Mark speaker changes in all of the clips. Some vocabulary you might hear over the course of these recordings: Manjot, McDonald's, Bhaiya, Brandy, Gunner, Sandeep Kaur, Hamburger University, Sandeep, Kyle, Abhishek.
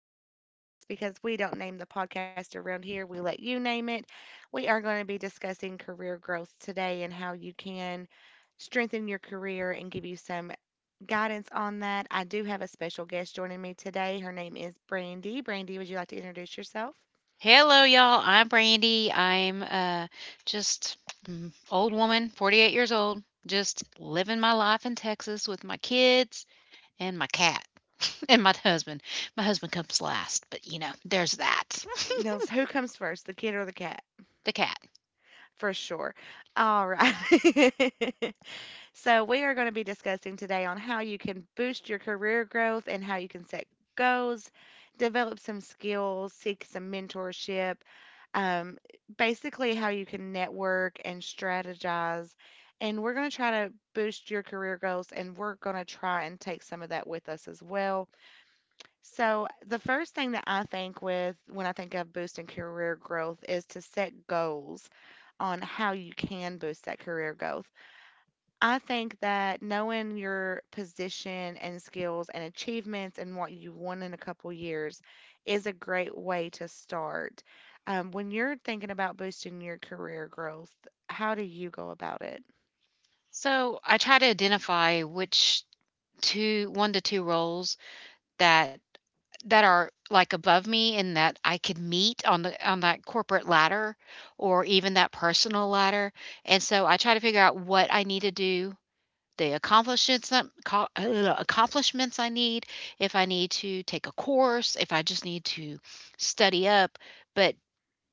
Speaker 1: Unnamed Podcast because we don't name the podcast around here. We let you name it. We are going to be discussing career growth today and how you can strengthen your career and give you some guidance on that. I do have a special guest joining me today. Her name is Brandy. Brandy, would you like to introduce yourself?
Speaker 2: Hello, y'all. I'm Brandy. I'm just old woman, 48 years old, just living my life in Texas with my kids and my cat and my husband. My husband comes last, but there's that.
Speaker 1: Now, who comes first, the kid or the cat?
Speaker 2: The cat.
Speaker 1: For sure. All right. So, we are going to be discussing today on how you can boost your career growth and how you can set goals, develop some skills, seek some mentorship, um, basically, how you can network and strategize. And we're going to try to boost your career goals, and we're going to try and take some of that with us as well. So, the first thing that I think with when I think of boosting career growth is to set goals on how you can boost that career growth. I think that knowing your position and skills and achievements and what you want in a couple years is a great way to start. When you're thinking about boosting your career growth, how do you go about it?
Speaker 2: So I try to identify which one to two roles that that are like above me and that I could meet on the on that corporate ladder or even that personal ladder. And so I try to figure out what I need to do the accomplishments I need, if I need to take a course, if I just need to study up, but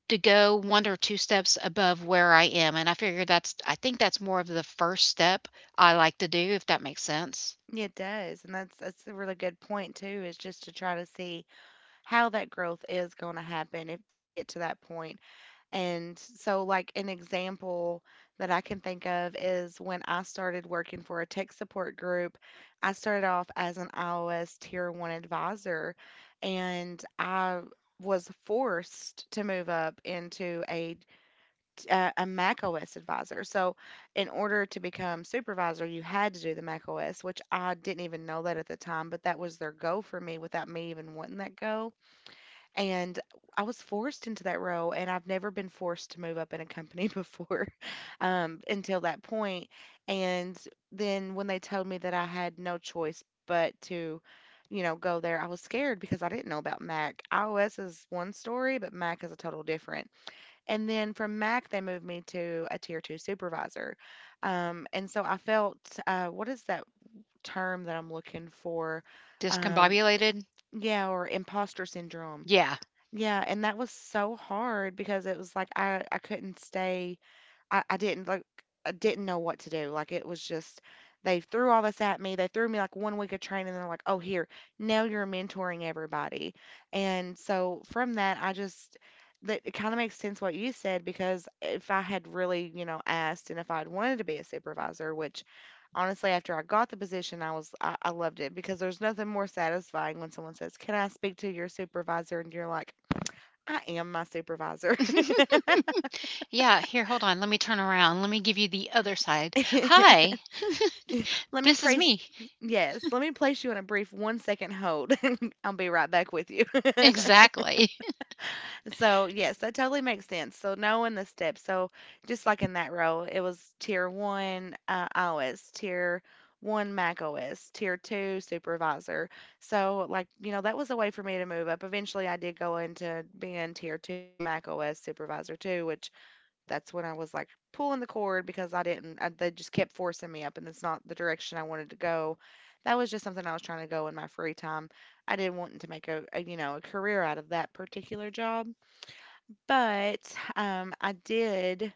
Speaker 2: to go one or two steps above where I am. And I figure that's I think that's more of the first step I like to do, if that makes sense.
Speaker 1: It does, and that's a really good point too, is just to try to see how that growth is going to happen if to get to that point. And so, like, an example that I can think of is when I started working for a tech support group, I started off as an iOS tier one advisor, and I was forced to move up into a Mac OS advisor. So, in order to become supervisor, you had to do the Mac OS, which I didn't even know that at the time, but that was their goal for me without me even wanting that goal. And I was forced into that role, and I've never been forced to move up in a company before until that point. And then when they told me that I had no choice but to, go there, I was scared because I didn't know about Mac. iOS is one story, but Mac is a total different. And then from Mac, they moved me to a tier two supervisor. And so I felt, what is that term that I'm looking for? Um,
Speaker 2: Discombobulated?
Speaker 1: yeah, or imposter syndrome.
Speaker 2: Yeah.
Speaker 1: Yeah, and that was so hard because it was like I couldn't stay. I I didn't like I didn't know what to do. Like it was just they threw all this at me. They threw me like one week of training and they're like, "Oh, here. Now you're mentoring everybody." And so from that, I just that it kind of makes sense what you said because if I had really, asked and if I'd wanted to be a supervisor, which honestly after I got the position, I loved it because there's nothing more satisfying when someone says, "Can I speak to your supervisor?" and you're like, I am my supervisor.
Speaker 2: Yeah, here, hold on. Let me turn around. Let me give you the other side.
Speaker 1: Let
Speaker 2: Hi,
Speaker 1: me
Speaker 2: this is
Speaker 1: praise
Speaker 2: me.
Speaker 1: Yes, let me place you on a brief one second hold. I'll be right back with you.
Speaker 2: Exactly.
Speaker 1: So, yes, that totally makes sense. So, knowing the steps. So, just like in that role, it was tier one iOS, tier one Mac OS, tier two supervisor. So, like, you know, that was a way for me to move up. Eventually, I did go into being tier two Mac OS supervisor too, which That's when I was, like, pulling the cord because I didn't I they just kept forcing me up, and that's not the direction I wanted to go. That was just something I was trying to go in my free time. I didn't want to make a career out of that particular job, but, I did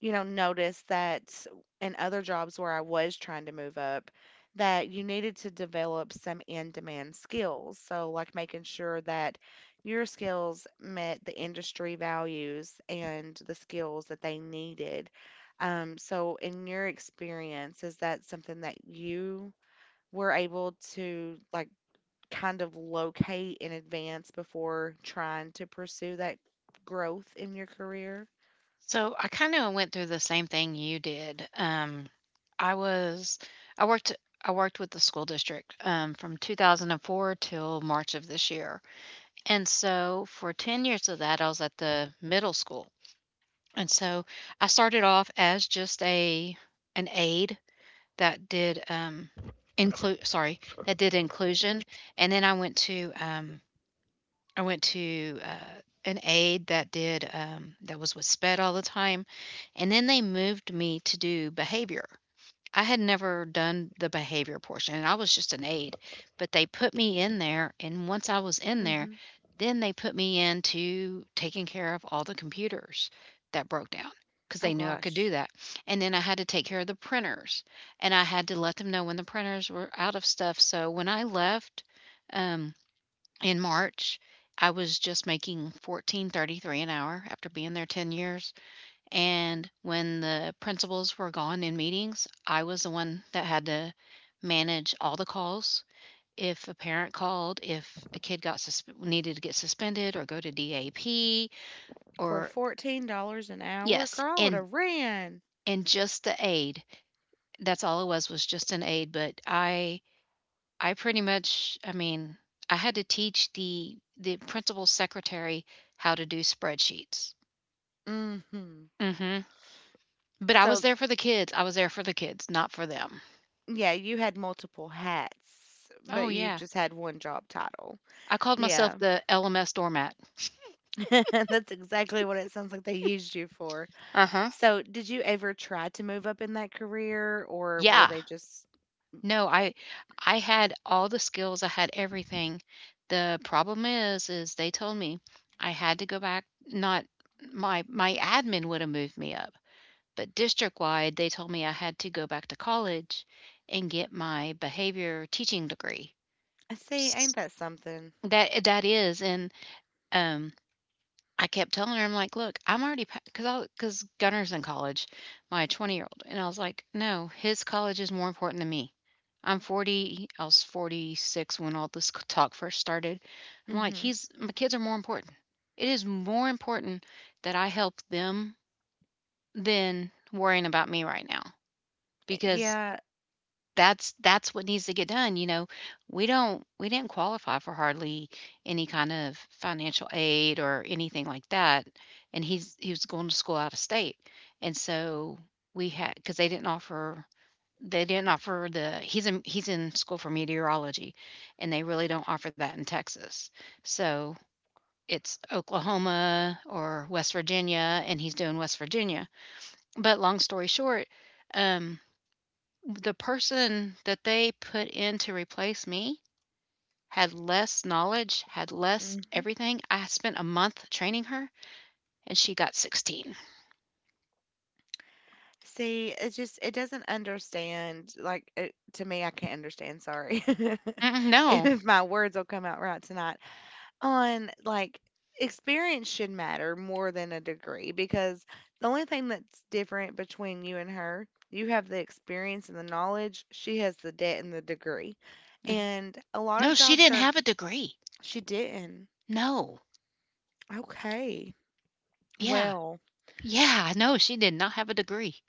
Speaker 1: you know, noticed that in other jobs where I was trying to move up, that you needed to develop some in-demand skills. So, like making sure that your skills met the industry values and the skills that they needed. So, in your experience, is that something that you were able to like kind of locate in advance before trying to pursue that growth in your career?
Speaker 2: So I kind of went through the same thing you did. I was I worked I worked with the school district from 2004 till March of this year, and so for 10 years of that I was at the middle school. And so I started off as just a an aide that did um, include sorry that did inclusion, and then I went to I went to, uh, an aide that was with sped all the time, and then they moved me to do behavior. I had never done the behavior portion, and I was just an aide, but they put me in there, and once I was in there,
Speaker 1: Hmm.
Speaker 2: then they put me into taking care of all the computers that broke down because
Speaker 1: Oh
Speaker 2: they knew I could do
Speaker 1: gosh.
Speaker 2: that. And then I had to take care of the printers, and I had to let them know when the printers were out of stuff. So when I left, um in March, I was just making 14.33 an hour after being there 10 years. And when the principals were gone in meetings, I was the one that had to manage all the calls. If a parent called, if a kid got needed to get suspended or go to DAP,
Speaker 1: For
Speaker 2: or
Speaker 1: $14 an hour?
Speaker 2: Yes,
Speaker 1: Girl, I would
Speaker 2: and
Speaker 1: have ran.
Speaker 2: and just the aid. That's all it was just an aid. But I pretty much, I mean, I had to teach the principal secretary how to do spreadsheets.
Speaker 1: Hmm.
Speaker 2: Mhm. But I was
Speaker 1: So,
Speaker 2: there for the kids. I was there for the kids, not for them.
Speaker 1: yeah, you had multiple hats,
Speaker 2: Oh,
Speaker 1: but you
Speaker 2: yeah.
Speaker 1: just had one job title.
Speaker 2: I called myself
Speaker 1: Yeah,
Speaker 2: the LMS doormat.
Speaker 1: that's exactly what it sounds like they used you for.
Speaker 2: Uh-huh.
Speaker 1: So, did you ever try to move up in that career, or were
Speaker 2: Yeah.
Speaker 1: they just.
Speaker 2: No, I had all the skills. I had everything. The problem is they told me I had to go back. Not my admin would have moved me up, but district wide, they told me I had to go back to college and get my behavior teaching degree.
Speaker 1: I see,
Speaker 2: S
Speaker 1: ain't that something?
Speaker 2: That is, um, I kept telling her, I'm like, "Look, I'm already pa," 'cause I am already pabecause because Gunner's in college, my 20-year-old, and I was like, "No, his college is more important than me." I'm 40, I was 46 when all this c talk first started. I'm like,
Speaker 1: Hmm.
Speaker 2: "He's my kids are more important. It is more important that I help them than worrying about me right now." Because
Speaker 1: Yeah.
Speaker 2: That's what needs to get done, you know? We didn't qualify for hardly any kind of financial aid or anything like that, and he was going to school out of state. And so we had because they didn't offer the he's in school for meteorology, and they really don't offer that in Texas. So, it's Oklahoma or West Virginia, and he's doing West Virginia. But long story short, um the person that they put in to replace me had less knowledge, had less
Speaker 1: Hmm.
Speaker 2: everything. I spent a month training her, and she got 16.
Speaker 1: See, it doesn't understand, like, to me I can't understand, sorry.
Speaker 2: Mm, no.
Speaker 1: If my words will come out right tonight. On like experience should matter more than a degree because the only thing that's different between you and her, you have the experience and the knowledge, she has the debt and the degree.
Speaker 2: Mm.
Speaker 1: And a lot of
Speaker 2: No, she
Speaker 1: jobs
Speaker 2: didn't
Speaker 1: are
Speaker 2: have a degree.
Speaker 1: she didn't.
Speaker 2: No.
Speaker 1: Okay.
Speaker 2: Yeah.
Speaker 1: Well,
Speaker 2: Yeah, no, she did not have a degree.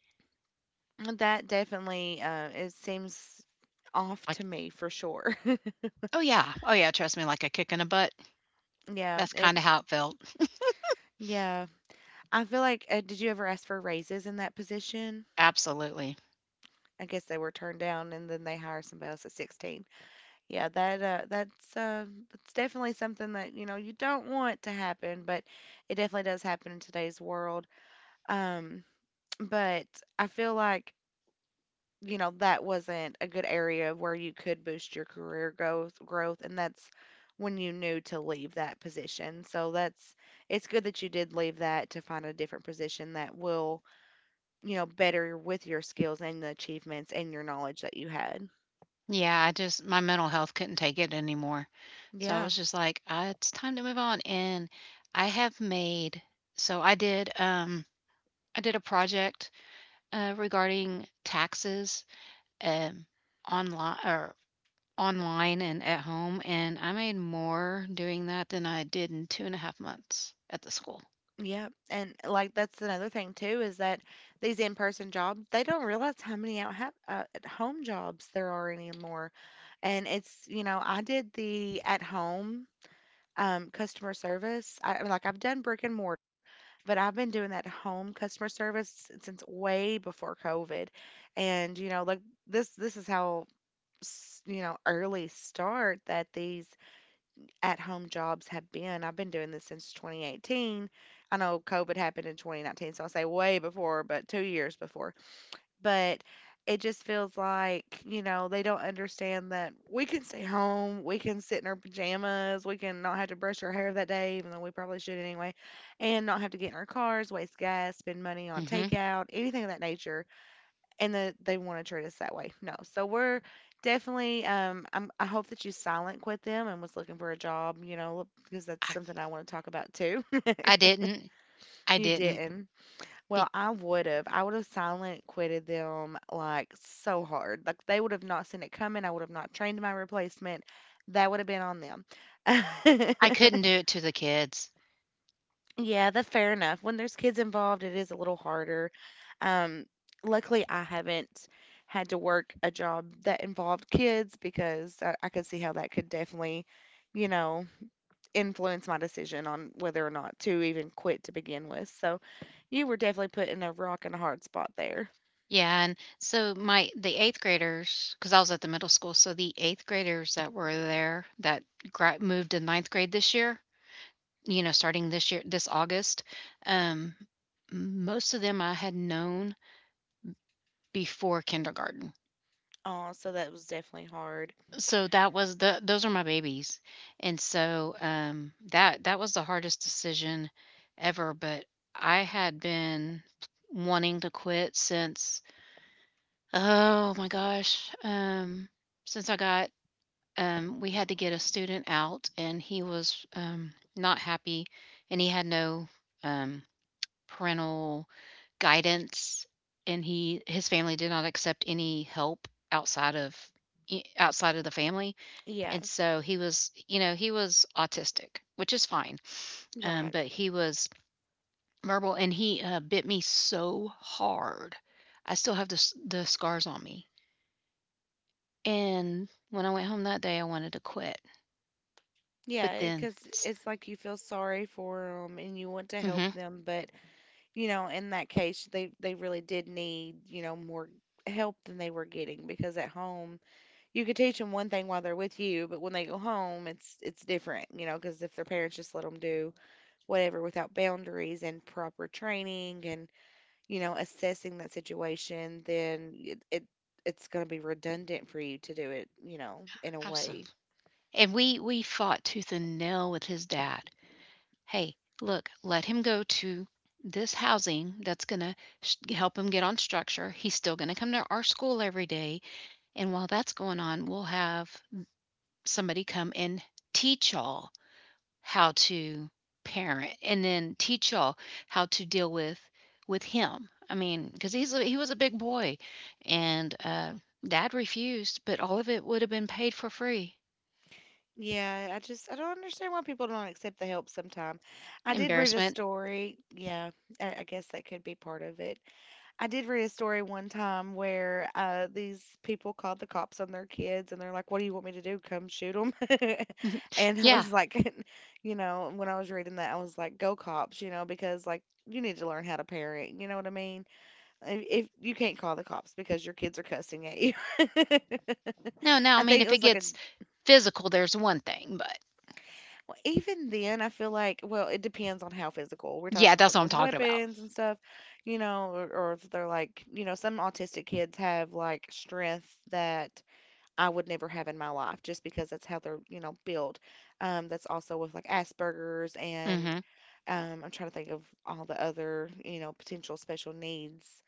Speaker 1: that definitely it seems off
Speaker 2: Like,
Speaker 1: to me for sure.
Speaker 2: oh yeah. Oh yeah, trust me, like a kick in the butt.
Speaker 1: Yeah,
Speaker 2: That's
Speaker 1: it
Speaker 2: kind of how it felt.
Speaker 1: yeah. I feel like did you ever ask for raises in that position?
Speaker 2: Absolutely.
Speaker 1: I guess they were turned down and then they hire somebody else at 16. Yeah, that's definitely something that you don't want to happen, but it definitely does happen in today's world. Um, but I feel like that wasn't a good area where you could boost your career growth, and that's when you knew to leave that position. So that's it's good that you did leave that to find a different position that will better with your skills and the achievements and your knowledge that you had.
Speaker 2: Yeah, I just, my mental health couldn't take it anymore. So I
Speaker 1: Yeah.
Speaker 2: was just like, it's time to move on. And I have made so I did a project regarding taxes um online or online and at home, and I made more doing that than I did in 2.5 months at the school.
Speaker 1: Yeah, and like that's another thing too is that these in-person jobs, they don't realize how many out ha at home jobs there are anymore. And I did the at home customer service. I mean, like I've done brick and mortar, but I've been doing that home customer service since way before COVID. And like this is how early start that these at home jobs have been. I've been doing this since 2018. I know COVID happened in 2019, so I'll say way before, but 2 years before. But it just feels like, they don't understand that we can stay home, we can sit in our pajamas, we can not have to brush our hair that day, even though we probably should anyway, and not have to get in our cars, waste gas, spend money on
Speaker 2: hmm
Speaker 1: takeout, anything of that nature and they want to treat us that way. No. So I hope that you silent quit them and was looking for a job, because that's
Speaker 2: I
Speaker 1: something I want to talk about too.
Speaker 2: I didn't. I
Speaker 1: You
Speaker 2: didn't.
Speaker 1: didn't. Well,
Speaker 2: Be-
Speaker 1: I would have. I would have silent quitted them like so hard. Like they would have not seen it coming. I would have not trained my replacement. That would have been on them.
Speaker 2: I couldn't do it to the kids.
Speaker 1: Yeah, that's fair enough. When there's kids involved, it is a little harder. Um, luckily, I haven't had to work a job that involved kids because I could see how that could definitely, you know, influence my decision on whether or not to even quit to begin with. So you were definitely put in a rock and a hard spot there.
Speaker 2: Yeah, and so my the 8th graders, because I was at the middle school, so the 8th graders that were there that gra moved to ninth grade this year, you know, starting this year, this August, um, most of them I had known before kindergarten.
Speaker 1: Oh, so that was definitely hard.
Speaker 2: So that was the those are my babies. And so, that was the hardest decision ever, but I had been wanting to quit since, oh my gosh, since I got we had to get a student out, and he was not happy, and he had no um, parental guidance, and he his family did not accept any help outside of the family.
Speaker 1: Yeah,
Speaker 2: And so he was autistic, which is fine,
Speaker 1: right.
Speaker 2: but he was verbal, and he bit me so hard. I still have the scars on me, and when I went home that day, I wanted to quit, but
Speaker 1: Yeah,
Speaker 2: then.
Speaker 1: because it's like you feel sorry for them and you want to help them, but in that case, they really did need, more help than they were getting because at home you could teach them one thing while they're with you, but when they go home, it's different, because if their parents just let them do whatever without boundaries and proper training and assessing that situation, then it's going to be redundant for you to do it, in a
Speaker 2: Awesome.
Speaker 1: way.
Speaker 2: And we fought tooth and nail with his dad. Hey, look, let him go to this housing that's going to help him get on structure. He's still going to come to our school every day, and while that's going on, we'll have somebody come and teach y'all how to parent and then teach y'all how to deal with him. I mean, because he was a big boy, and dad refused, but all of it would have been paid for free.
Speaker 1: Yeah, I don't understand why people don't accept the help sometimes. I did read a
Speaker 2: Embarrassment.
Speaker 1: story. Yeah, I guess that could be part of it. I did read a story one time where these people called the cops on their kids, and they're like, "What do you want me to do? Come shoot them?" And it
Speaker 2: Yeah.
Speaker 1: was like, when I was reading that, I was like, "Go cops!" Because like you need to learn how to parent. You know what I mean? If you can't call the cops because your kids are cussing at you,
Speaker 2: No, no, I
Speaker 1: I
Speaker 2: mean,
Speaker 1: think it
Speaker 2: if it
Speaker 1: was like a
Speaker 2: gets physical, there's one thing, but
Speaker 1: Well, even then, I feel like, well, it depends on how physical. We're talking
Speaker 2: yeah,
Speaker 1: about
Speaker 2: that's
Speaker 1: like
Speaker 2: what
Speaker 1: with
Speaker 2: I'm talking about.
Speaker 1: weapons and stuff, you know, or if they're like, you know, some autistic kids have like strength that I would never have in my life just because that's how they're, you know, built. That's also with like Asperger's and
Speaker 2: Mhm.
Speaker 1: I'm trying to think of all the other, you know, potential special needs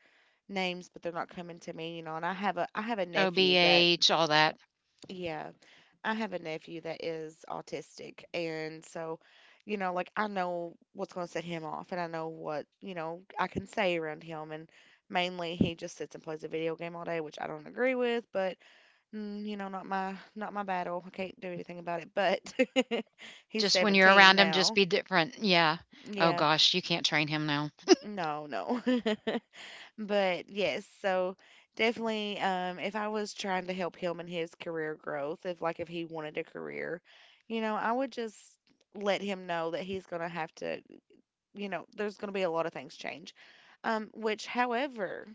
Speaker 1: names, but they're not coming to me, you know, and I have a nephew
Speaker 2: OBH, all that.
Speaker 1: yeah. I have a nephew that is autistic. And so, you know, like I know what's going to set him off and I know what, you know, I can say around him. And mainly he just sits and plays a video game all day, which I don't agree with, but you know, not my battle. I can't do anything about it. But he's
Speaker 2: Just when you're
Speaker 1: 17
Speaker 2: around him, just
Speaker 1: now.
Speaker 2: be different. Yeah. Oh
Speaker 1: Yeah.
Speaker 2: gosh, you can't train him now.
Speaker 1: No, no. But yes, so definitely, if I was trying to help him in his career growth, if like if he wanted a career, you know, I would just let him know that he's gonna have to, you know, there's gonna be a lot of things change. Um, which, however,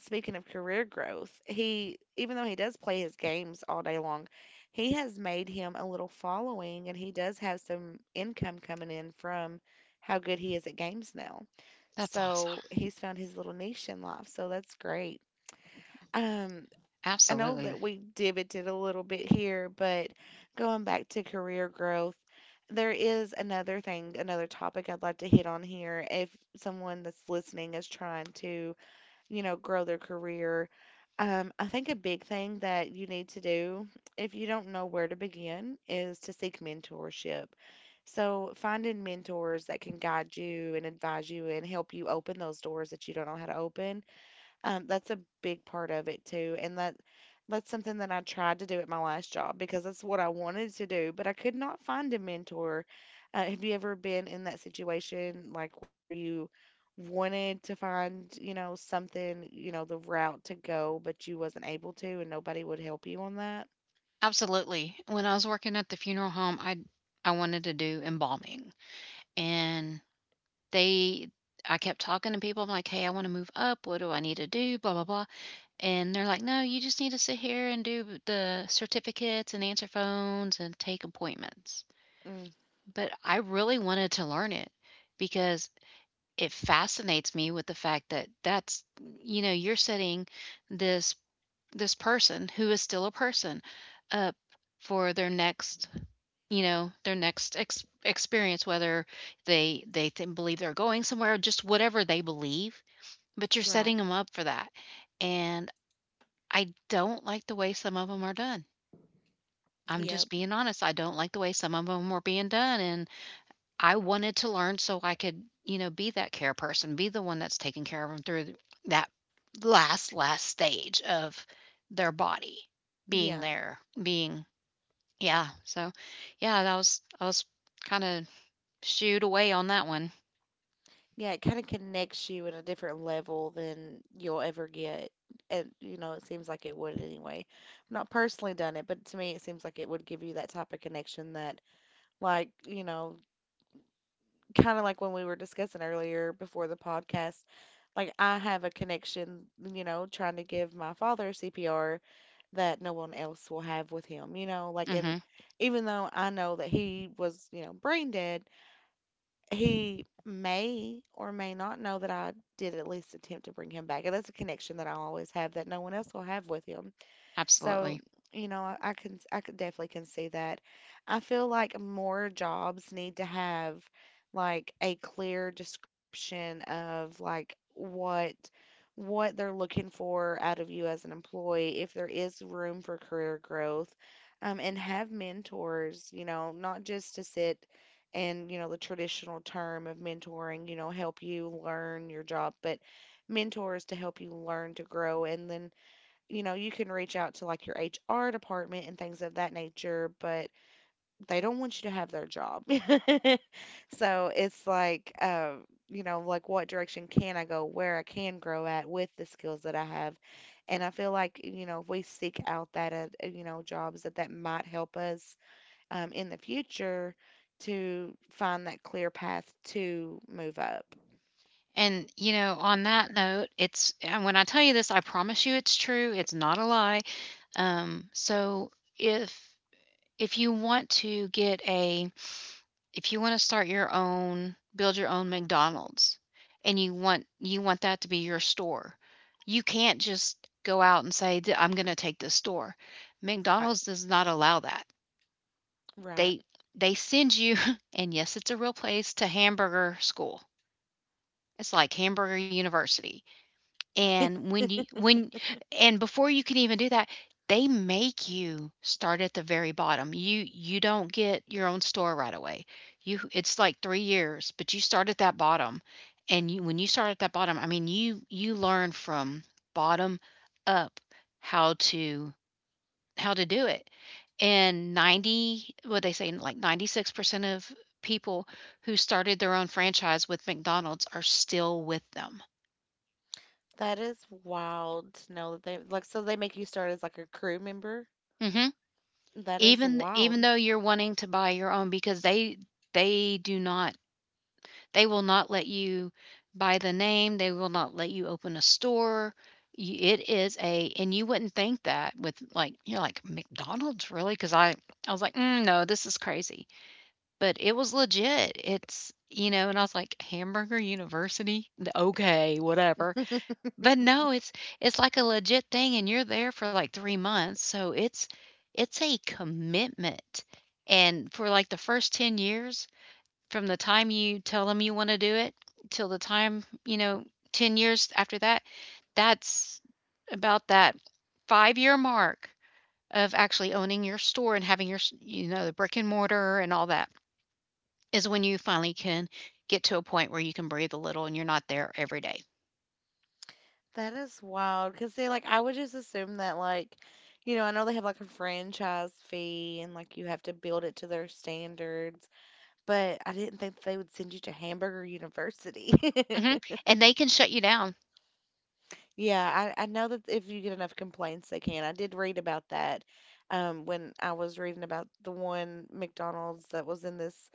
Speaker 1: Speaking of career growth, he, even though he does play his games all day long, he has made him a little following and he does have some income coming in from how good he is at games now.
Speaker 2: That's awesome.
Speaker 1: So he's found his little niche in life. So that's great. Um, I know
Speaker 2: Absolutely.
Speaker 1: that we divoted a little bit here, but going back to career growth, there is another thing, another topic I'd like to hit on here if someone that's listening is trying to you know, grow their career. I think a big thing that you need to do if you don't know where to begin is to seek mentorship. So, finding mentors that can guide you and advise you and help you open those doors that you don't know how to open that's a big part of it too, and that's something that I tried to do at my last job because that's what I wanted to do, but I could not find a mentor. Have you ever been in that situation like where you wanted to find, you know, something, you know, the route to go, but you wasn't able to, and nobody would help you on that?
Speaker 2: Absolutely. When I was working at the funeral home, I wanted to do embalming. And they I kept talking to people. I'm like, hey, I want to move up. What do I need to do? Blah, blah, blah. And they're like, no, you just need to sit here and do the certificates and answer phones and take appointments.
Speaker 1: Mm,
Speaker 2: But I really wanted to learn it because it fascinates me with the fact that that's, you're setting this this person who is still a person up for their next experience, whether they believe they're going somewhere or just whatever they believe, but you're
Speaker 1: right.
Speaker 2: setting them up for that. And I don't like the way some of them are done. I'm just
Speaker 1: Yep.
Speaker 2: being honest. I don't like the way some of them are being done, and I wanted to learn so I could, be that care person, be the one that's taking care of them through that last stage of their body being
Speaker 1: Yeah.
Speaker 2: there, being yeah. So, yeah, that was I was kind of shooed away on that one.
Speaker 1: Yeah, it kind of connects you in a different level than you'll ever get. And, you know, it seems like it would anyway. I've not personally done it, but to me, it seems like it would give you that type of connection that, like, you know, kind of like when we were discussing earlier before the podcast, like, I have a connection, you know, trying to give my father CPR that no one else will have with him, you know, like, and
Speaker 2: Mhm.
Speaker 1: even though I know that he was, you know, brain dead, he may or may not know that I did at least attempt to bring him back. And that's a connection that I always have that no one else will have with him. So,
Speaker 2: Absolutely.
Speaker 1: you know, I could definitely can see that. I feel like more jobs need to have like a clear description of like what they're looking for out of you as an employee, if there is room for career growth, and have mentors, you know, not just to sit and, you know, the traditional term of mentoring, you know, help you learn your job, but mentors to help you learn to grow and then you know, you can reach out to like your HR department and things of that nature, but they don't want you to have their job. So it's like, you know, like what direction can I go, where I can grow at with the skills that I have. And I feel like, you know, if we seek out that, you know, jobs that might help us in the future to find that clear path to move up.
Speaker 2: And you know, on that note, it's and when I tell you this, I promise you it's true. It's not a lie. So if if you want to start your own, build your own McDonald's, and you want that to be your store. You can't just go out and say, I'm going to take this store."
Speaker 1: Right.
Speaker 2: McDonald's does not allow that.
Speaker 1: Right.
Speaker 2: They they send you and yes, it's a real place, to hamburger school. It's like hamburger university. And when you when and before you can even do that, they make you start at the very bottom. You don't get your own store right away. You It's like 3 years, but you start at that bottom. And you when you start at that bottom, I mean, you learn from bottom up how to how to do it. And 90 what they say, like, 96% of people who started their own franchise with McDonald's are still with them.
Speaker 1: That is wild to know that they like so they make you start as like a crew member.
Speaker 2: Mhm.
Speaker 1: That is
Speaker 2: Even
Speaker 1: wild.
Speaker 2: though you're wanting to buy your own, because they do not they will not let you buy the name, they will not let you open a store. You, it is a and you wouldn't think that with like you're like McDonald's, really? Because I was like no, this is crazy, but it was legit. It's you know, and I was like Hamburger University, okay, whatever. But no, it's like a legit thing, and you're there for like 3 months, so it's a commitment. And for like the first 10 years, from the time you tell them you wanna do it till the time, you know, 10 years after that, that's about that 5-year mark of actually owning your store and having your, s you know, the brick and mortar and all that, is when you finally can get to a point where you can breathe a little and you're not there every day.
Speaker 1: That is wild. Because, see, like, I would just assume that, like, you know, I know they have like a franchise fee and like you have to build it to their standards, but I didn't think they would send you to Hamburger University.
Speaker 2: Mhm. And they can shut you down.
Speaker 1: Yeah, I know that if you get enough complaints, they can. I did read about that when I was reading about the one McDonald's that was in this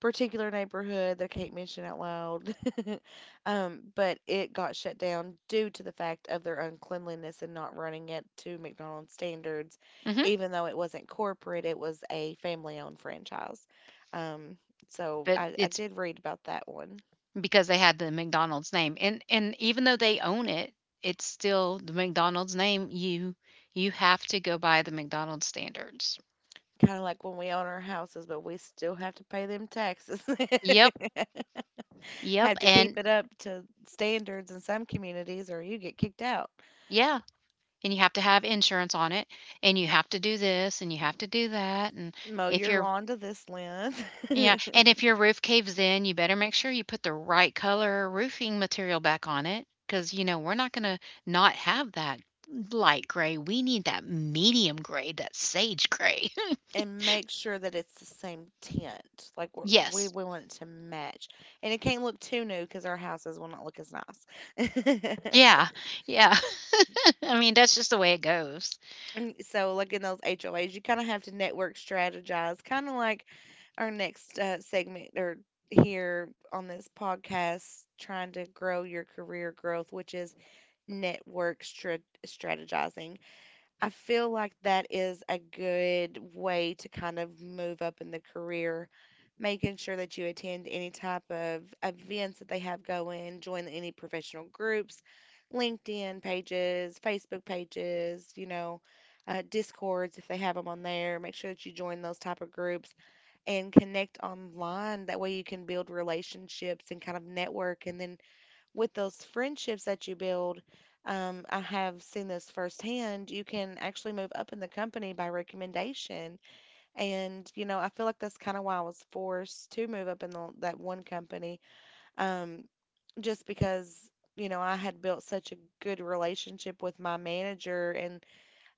Speaker 1: particular neighborhood that I can't mention out loud. But it got shut down due to the fact of their uncleanliness and not running it to McDonald's standards,
Speaker 2: Mhm.
Speaker 1: even though it wasn't corporate, it was a family owned franchise. Um, so
Speaker 2: But
Speaker 1: I
Speaker 2: it's
Speaker 1: did read about that one.
Speaker 2: because they had the McDonald's name. And even though they own it, it's still the McDonald's name. You have to go by the McDonald's standards.
Speaker 1: Kind of like when we own our houses, but we still have to pay them taxes.
Speaker 2: Yep. Yep.
Speaker 1: Have to keep
Speaker 2: And
Speaker 1: it up to standards in some communities, or you get kicked out
Speaker 2: yeah, and you have to have insurance on it, and you have to do this and you have to do that, and
Speaker 1: mow
Speaker 2: if
Speaker 1: your
Speaker 2: your
Speaker 1: lawn to this length.
Speaker 2: yeah, and if your roof caves in, you better make sure you put the right color roofing material back on it, cuz you know, we're not going to not have that light gray. We need that medium gray, that sage gray.
Speaker 1: And make sure that it's the same tint. Like
Speaker 2: Yes.
Speaker 1: we want it to match, and it can't look too new because our houses will not look as nice.
Speaker 2: Yeah. Yeah. I mean, that's just the way it goes.
Speaker 1: And so, like in those HOAs, you kind of have to network strategize, kind of like our next segment or here on this podcast, trying to grow your career growth, which is network strat- strategizing. I feel like that is a good way to kind of move up in the career making sure that you attend any type of events that they have going, join any professional groups, LinkedIn pages, Facebook pages, you know, Discords if they have them on there. Make sure that you join those type of groups and connect online. That way you can build relationships and kind of network. And then with those friendships that you build, I have seen this firsthand. You can actually move up in the company by recommendation and, you know, I feel like that's kind of why I was forced to move up in that one company, um, just because, you know, I had built such a good relationship with my manager. And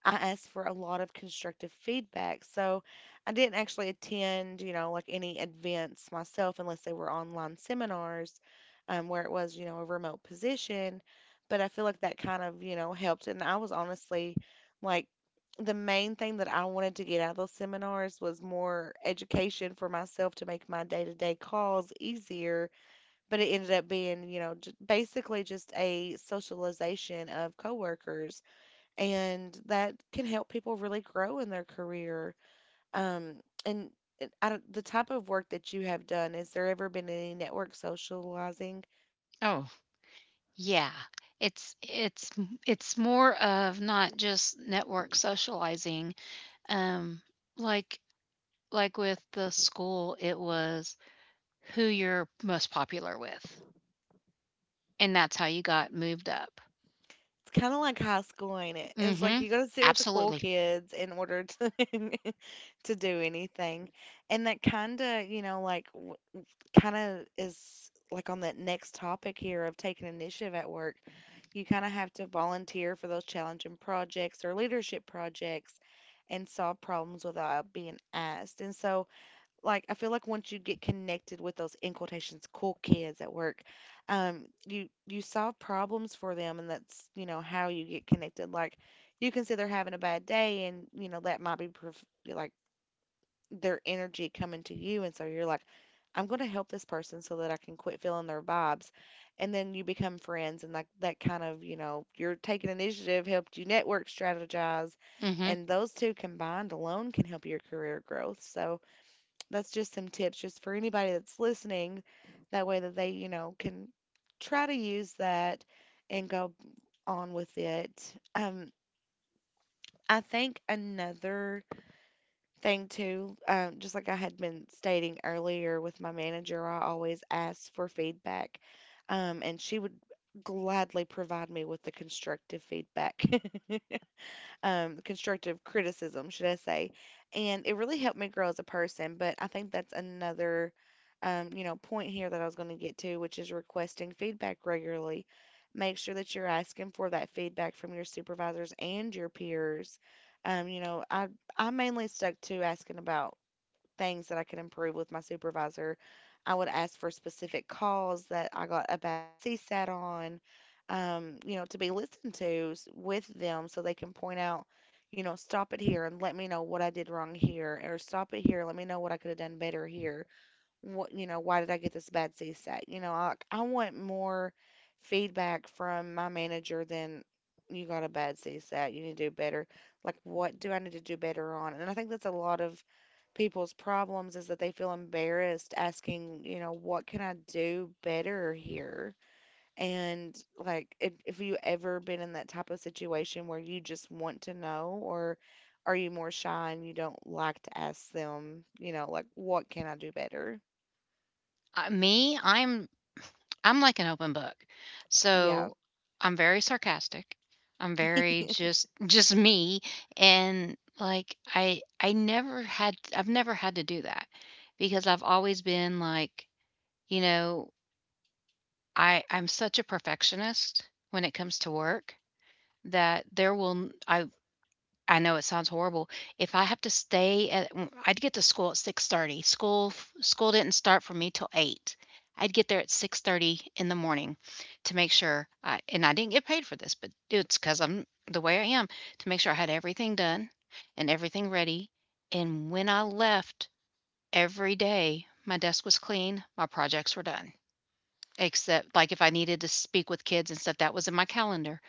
Speaker 1: I asked for a lot of constructive feedback. So I didn't actually attend, you know, like any events myself unless they were online seminars where it was, you know, a remote position. But I feel like that kind of, you know, helped. And I was honestly like, the main thing that I wanted to get out of those seminars was more education for myself to make my day to day calls easier. But it ended up being, you know, basically just a socialization of coworkers and that can help people really grow in their career. Um, and and I don't- the type of work that you have done, has there ever been any network socializing?
Speaker 2: Oh, yeah. It's it's more of not just network socializing. Um like like with the school, it was who you're most popular with. And that's how you got moved up.
Speaker 1: It's kind of like high school, ain't it? It's like
Speaker 2: Mhm.
Speaker 1: you got to sit with the cool
Speaker 2: Absolutely.
Speaker 1: kids in order to to do anything, and that kind of you know like kinda is like on that next topic here of taking initiative at work. You kind of have to volunteer for those challenging projects or leadership projects and solve problems without being asked. And so, like, I feel like once you get connected with those in quotations cool kids at work, you solve problems for them, and that's you know how you get connected. Like, you can see they're having a bad day, and you know that might be their energy coming to you. And so you're like, I'm going to help this person so that I can quit feeling their vibes. And then you become friends and like that kind of, you know, you're taking initiative, helped you network, strategize.
Speaker 2: Mhm.
Speaker 1: And those two combined alone can help your career growth. So that's just some tips just for anybody that's listening. That way that they, you know, can try to use that and go on with it. I think another thing too. Just like I had been stating earlier with my manager, I always ask for feedback, and she would gladly provide me with the constructive feedback. Constructive criticism, should I say. And it really helped me grow as a person. But I think that's another, you know, point here that I was going to get to, which is requesting feedback regularly. Make sure that you're asking for that feedback from your supervisors and your peers. You know, I mainly stuck to asking about things that I could improve with my supervisor. I would ask for specific calls that I got a bad C CSAT on, you know, to be listened to with them so they can point out, you know, stop it here and let me know what I did wrong here, or stop it here, let me know what I could have done better here, what you know why did I get this bad C csec, you know I want more feedback from my manager than you got a bad C csec you need to do better, like what do I need to do better on, and I think that's a lot of people's problems is that they feel embarrassed asking you know what can I do better here. And like if you ever been in that type of situation where you just want to know, or are you more shy and you don't like to ask them, you know, like what can I do better?
Speaker 2: Me, I'm like an open book.
Speaker 1: Yeah.
Speaker 2: So I'm very sarcastic. I'm very just just me, and like I've never had to do that, because I've always been like, you know, I'm such a perfectionist when it comes to work that there will n- I know it sounds horrible. If I have to stay at I I'd get to school at 6:30. School didn't start for me till 8. I'd get there at 6:30 in the morning to make sure I and I didn't get paid for this, but it's because 'cause I'm the way I am, to make sure I had everything done and everything ready, and when I left every day, my desk was clean, my projects were done, except, like, if I needed to speak with kids and stuff, that was in my calendar,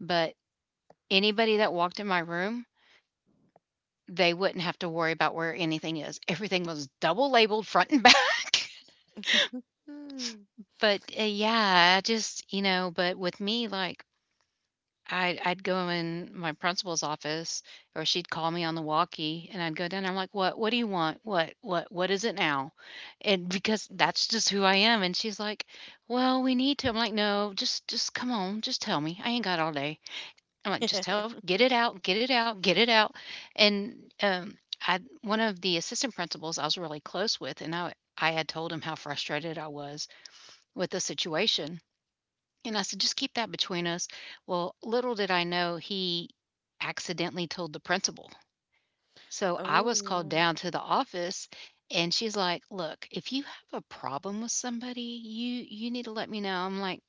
Speaker 2: but anybody that walked in my room, they wouldn't have to worry about where anything is. Everything was double labeled front and back.
Speaker 1: Hmm.
Speaker 2: But, yeah, I just you know, but with me, like, I'd go in my principal's office, or she'd call me on the walkie and I'd go down there, I'm like, "What do you want? What is it now?" And because that's just who I am, and she's like, "Well, we need to." I'm like, "No, just come on, just tell me. I ain't got all day." I'm like, "Just tell get it out, get it out, get it out." And, I one of the assistant principals I was really close with, and I had told him how frustrated I was with the situation, and I said, "Just keep that between us." Well, little did I know he accidentally told the principal. So, I was called
Speaker 1: Oh,
Speaker 2: down to the office, and she's like, "Look, if you have a problem with somebody, you need to let me know." I'm like,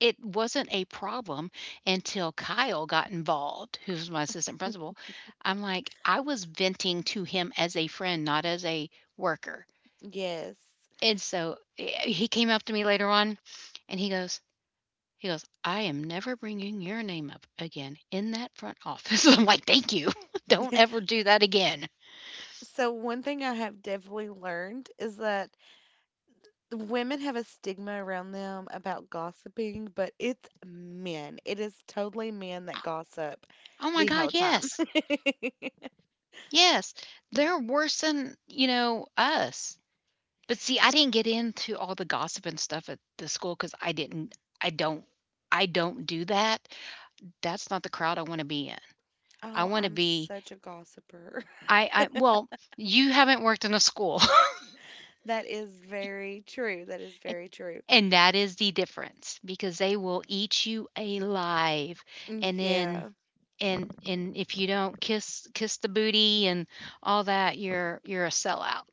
Speaker 2: it wasn't a problem until Kyle got involved, who's my assistant principal. I'm like, I was venting to him as a friend, not as a worker.
Speaker 1: yes.
Speaker 2: And so he came up to me later on and he goes, I am never bringing your name up again in that front office. I'm like, thank you. Don't ever do that again.
Speaker 1: So, one thing I have definitely learned is that the women have a stigma around them about gossiping, but it's men. It is totally men that gossip
Speaker 2: Oh my
Speaker 1: the whole
Speaker 2: God.
Speaker 1: time.
Speaker 2: Yes. Yes. They're worse than, you know, us. But see, I didn't get into all the gossip and stuff at the school because I don't I don't do that. That's not the crowd I wanna be in. I
Speaker 1: Oh,
Speaker 2: wanna
Speaker 1: I'm
Speaker 2: be
Speaker 1: such a gossiper.
Speaker 2: I well, you haven't worked in a school.
Speaker 1: That is very true. That is very true.
Speaker 2: And that is the difference, because they will eat you alive, and then
Speaker 1: Yeah.
Speaker 2: and if you don't kiss the booty and all that, you're a sellout.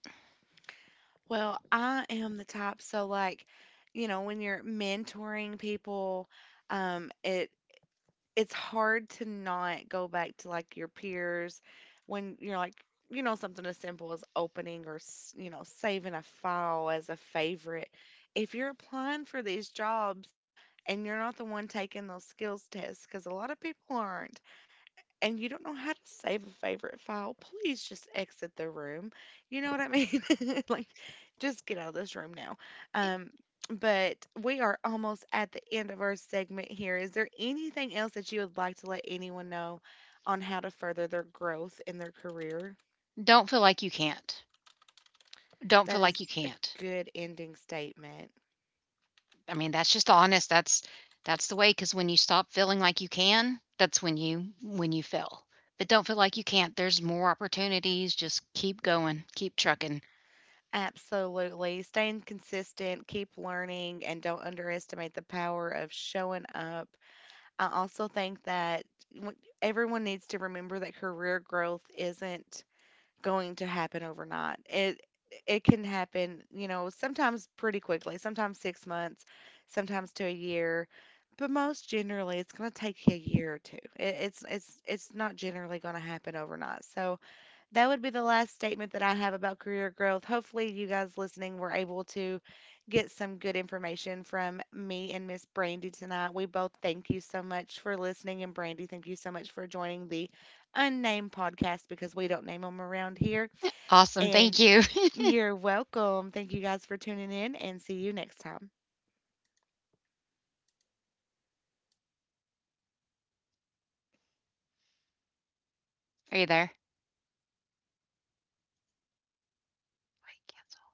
Speaker 1: Well, I am the type, so like, you know, when you're mentoring people, um, it it's hard to not go back to like your peers when you're like you know something as simple as opening or you know saving a file as a favorite if you're applying for these jobs and you're not the one taking those skills tests because a lot of people aren't and you don't know how to save a favorite file, please just exit the room. You know what I mean? Like, just get out of this room now. Um, but we are almost at the end of our segment here. Is there anything else that you would like to let anyone know on how to further their growth in their career?
Speaker 2: Don't feel like you can't. Don't
Speaker 1: That
Speaker 2: feel
Speaker 1: is
Speaker 2: like you
Speaker 1: a
Speaker 2: can't.
Speaker 1: good ending statement.
Speaker 2: I mean, that's just honest. That's the way. Because when you stop feeling like you can, that's when you fail. But don't feel like you can't. There's more opportunities. Just keep going. Keep trucking.
Speaker 1: Absolutely. Staying consistent, keep learning, and don't underestimate the power of showing up. I also think that everyone needs to remember that career growth isn't going to happen overnight. It can happen, you know, sometimes pretty quickly, sometimes 6 months, sometimes to a year, but most generally it's going to take you a year or two. It, it's not generally going to happen overnight. So, that would be the last statement that I have about career growth. Hopefully, you guys listening were able to get some good information from me and Miss Brandy tonight. We both thank you so much for listening, and Brandy, thank you so much for joining the unnamed podcast because we don't name them around here.
Speaker 2: Awesome. Thank
Speaker 1: And
Speaker 2: you.
Speaker 1: you're welcome. Thank you guys for tuning in, and see you next time.
Speaker 2: Are you there? Wait, yeah.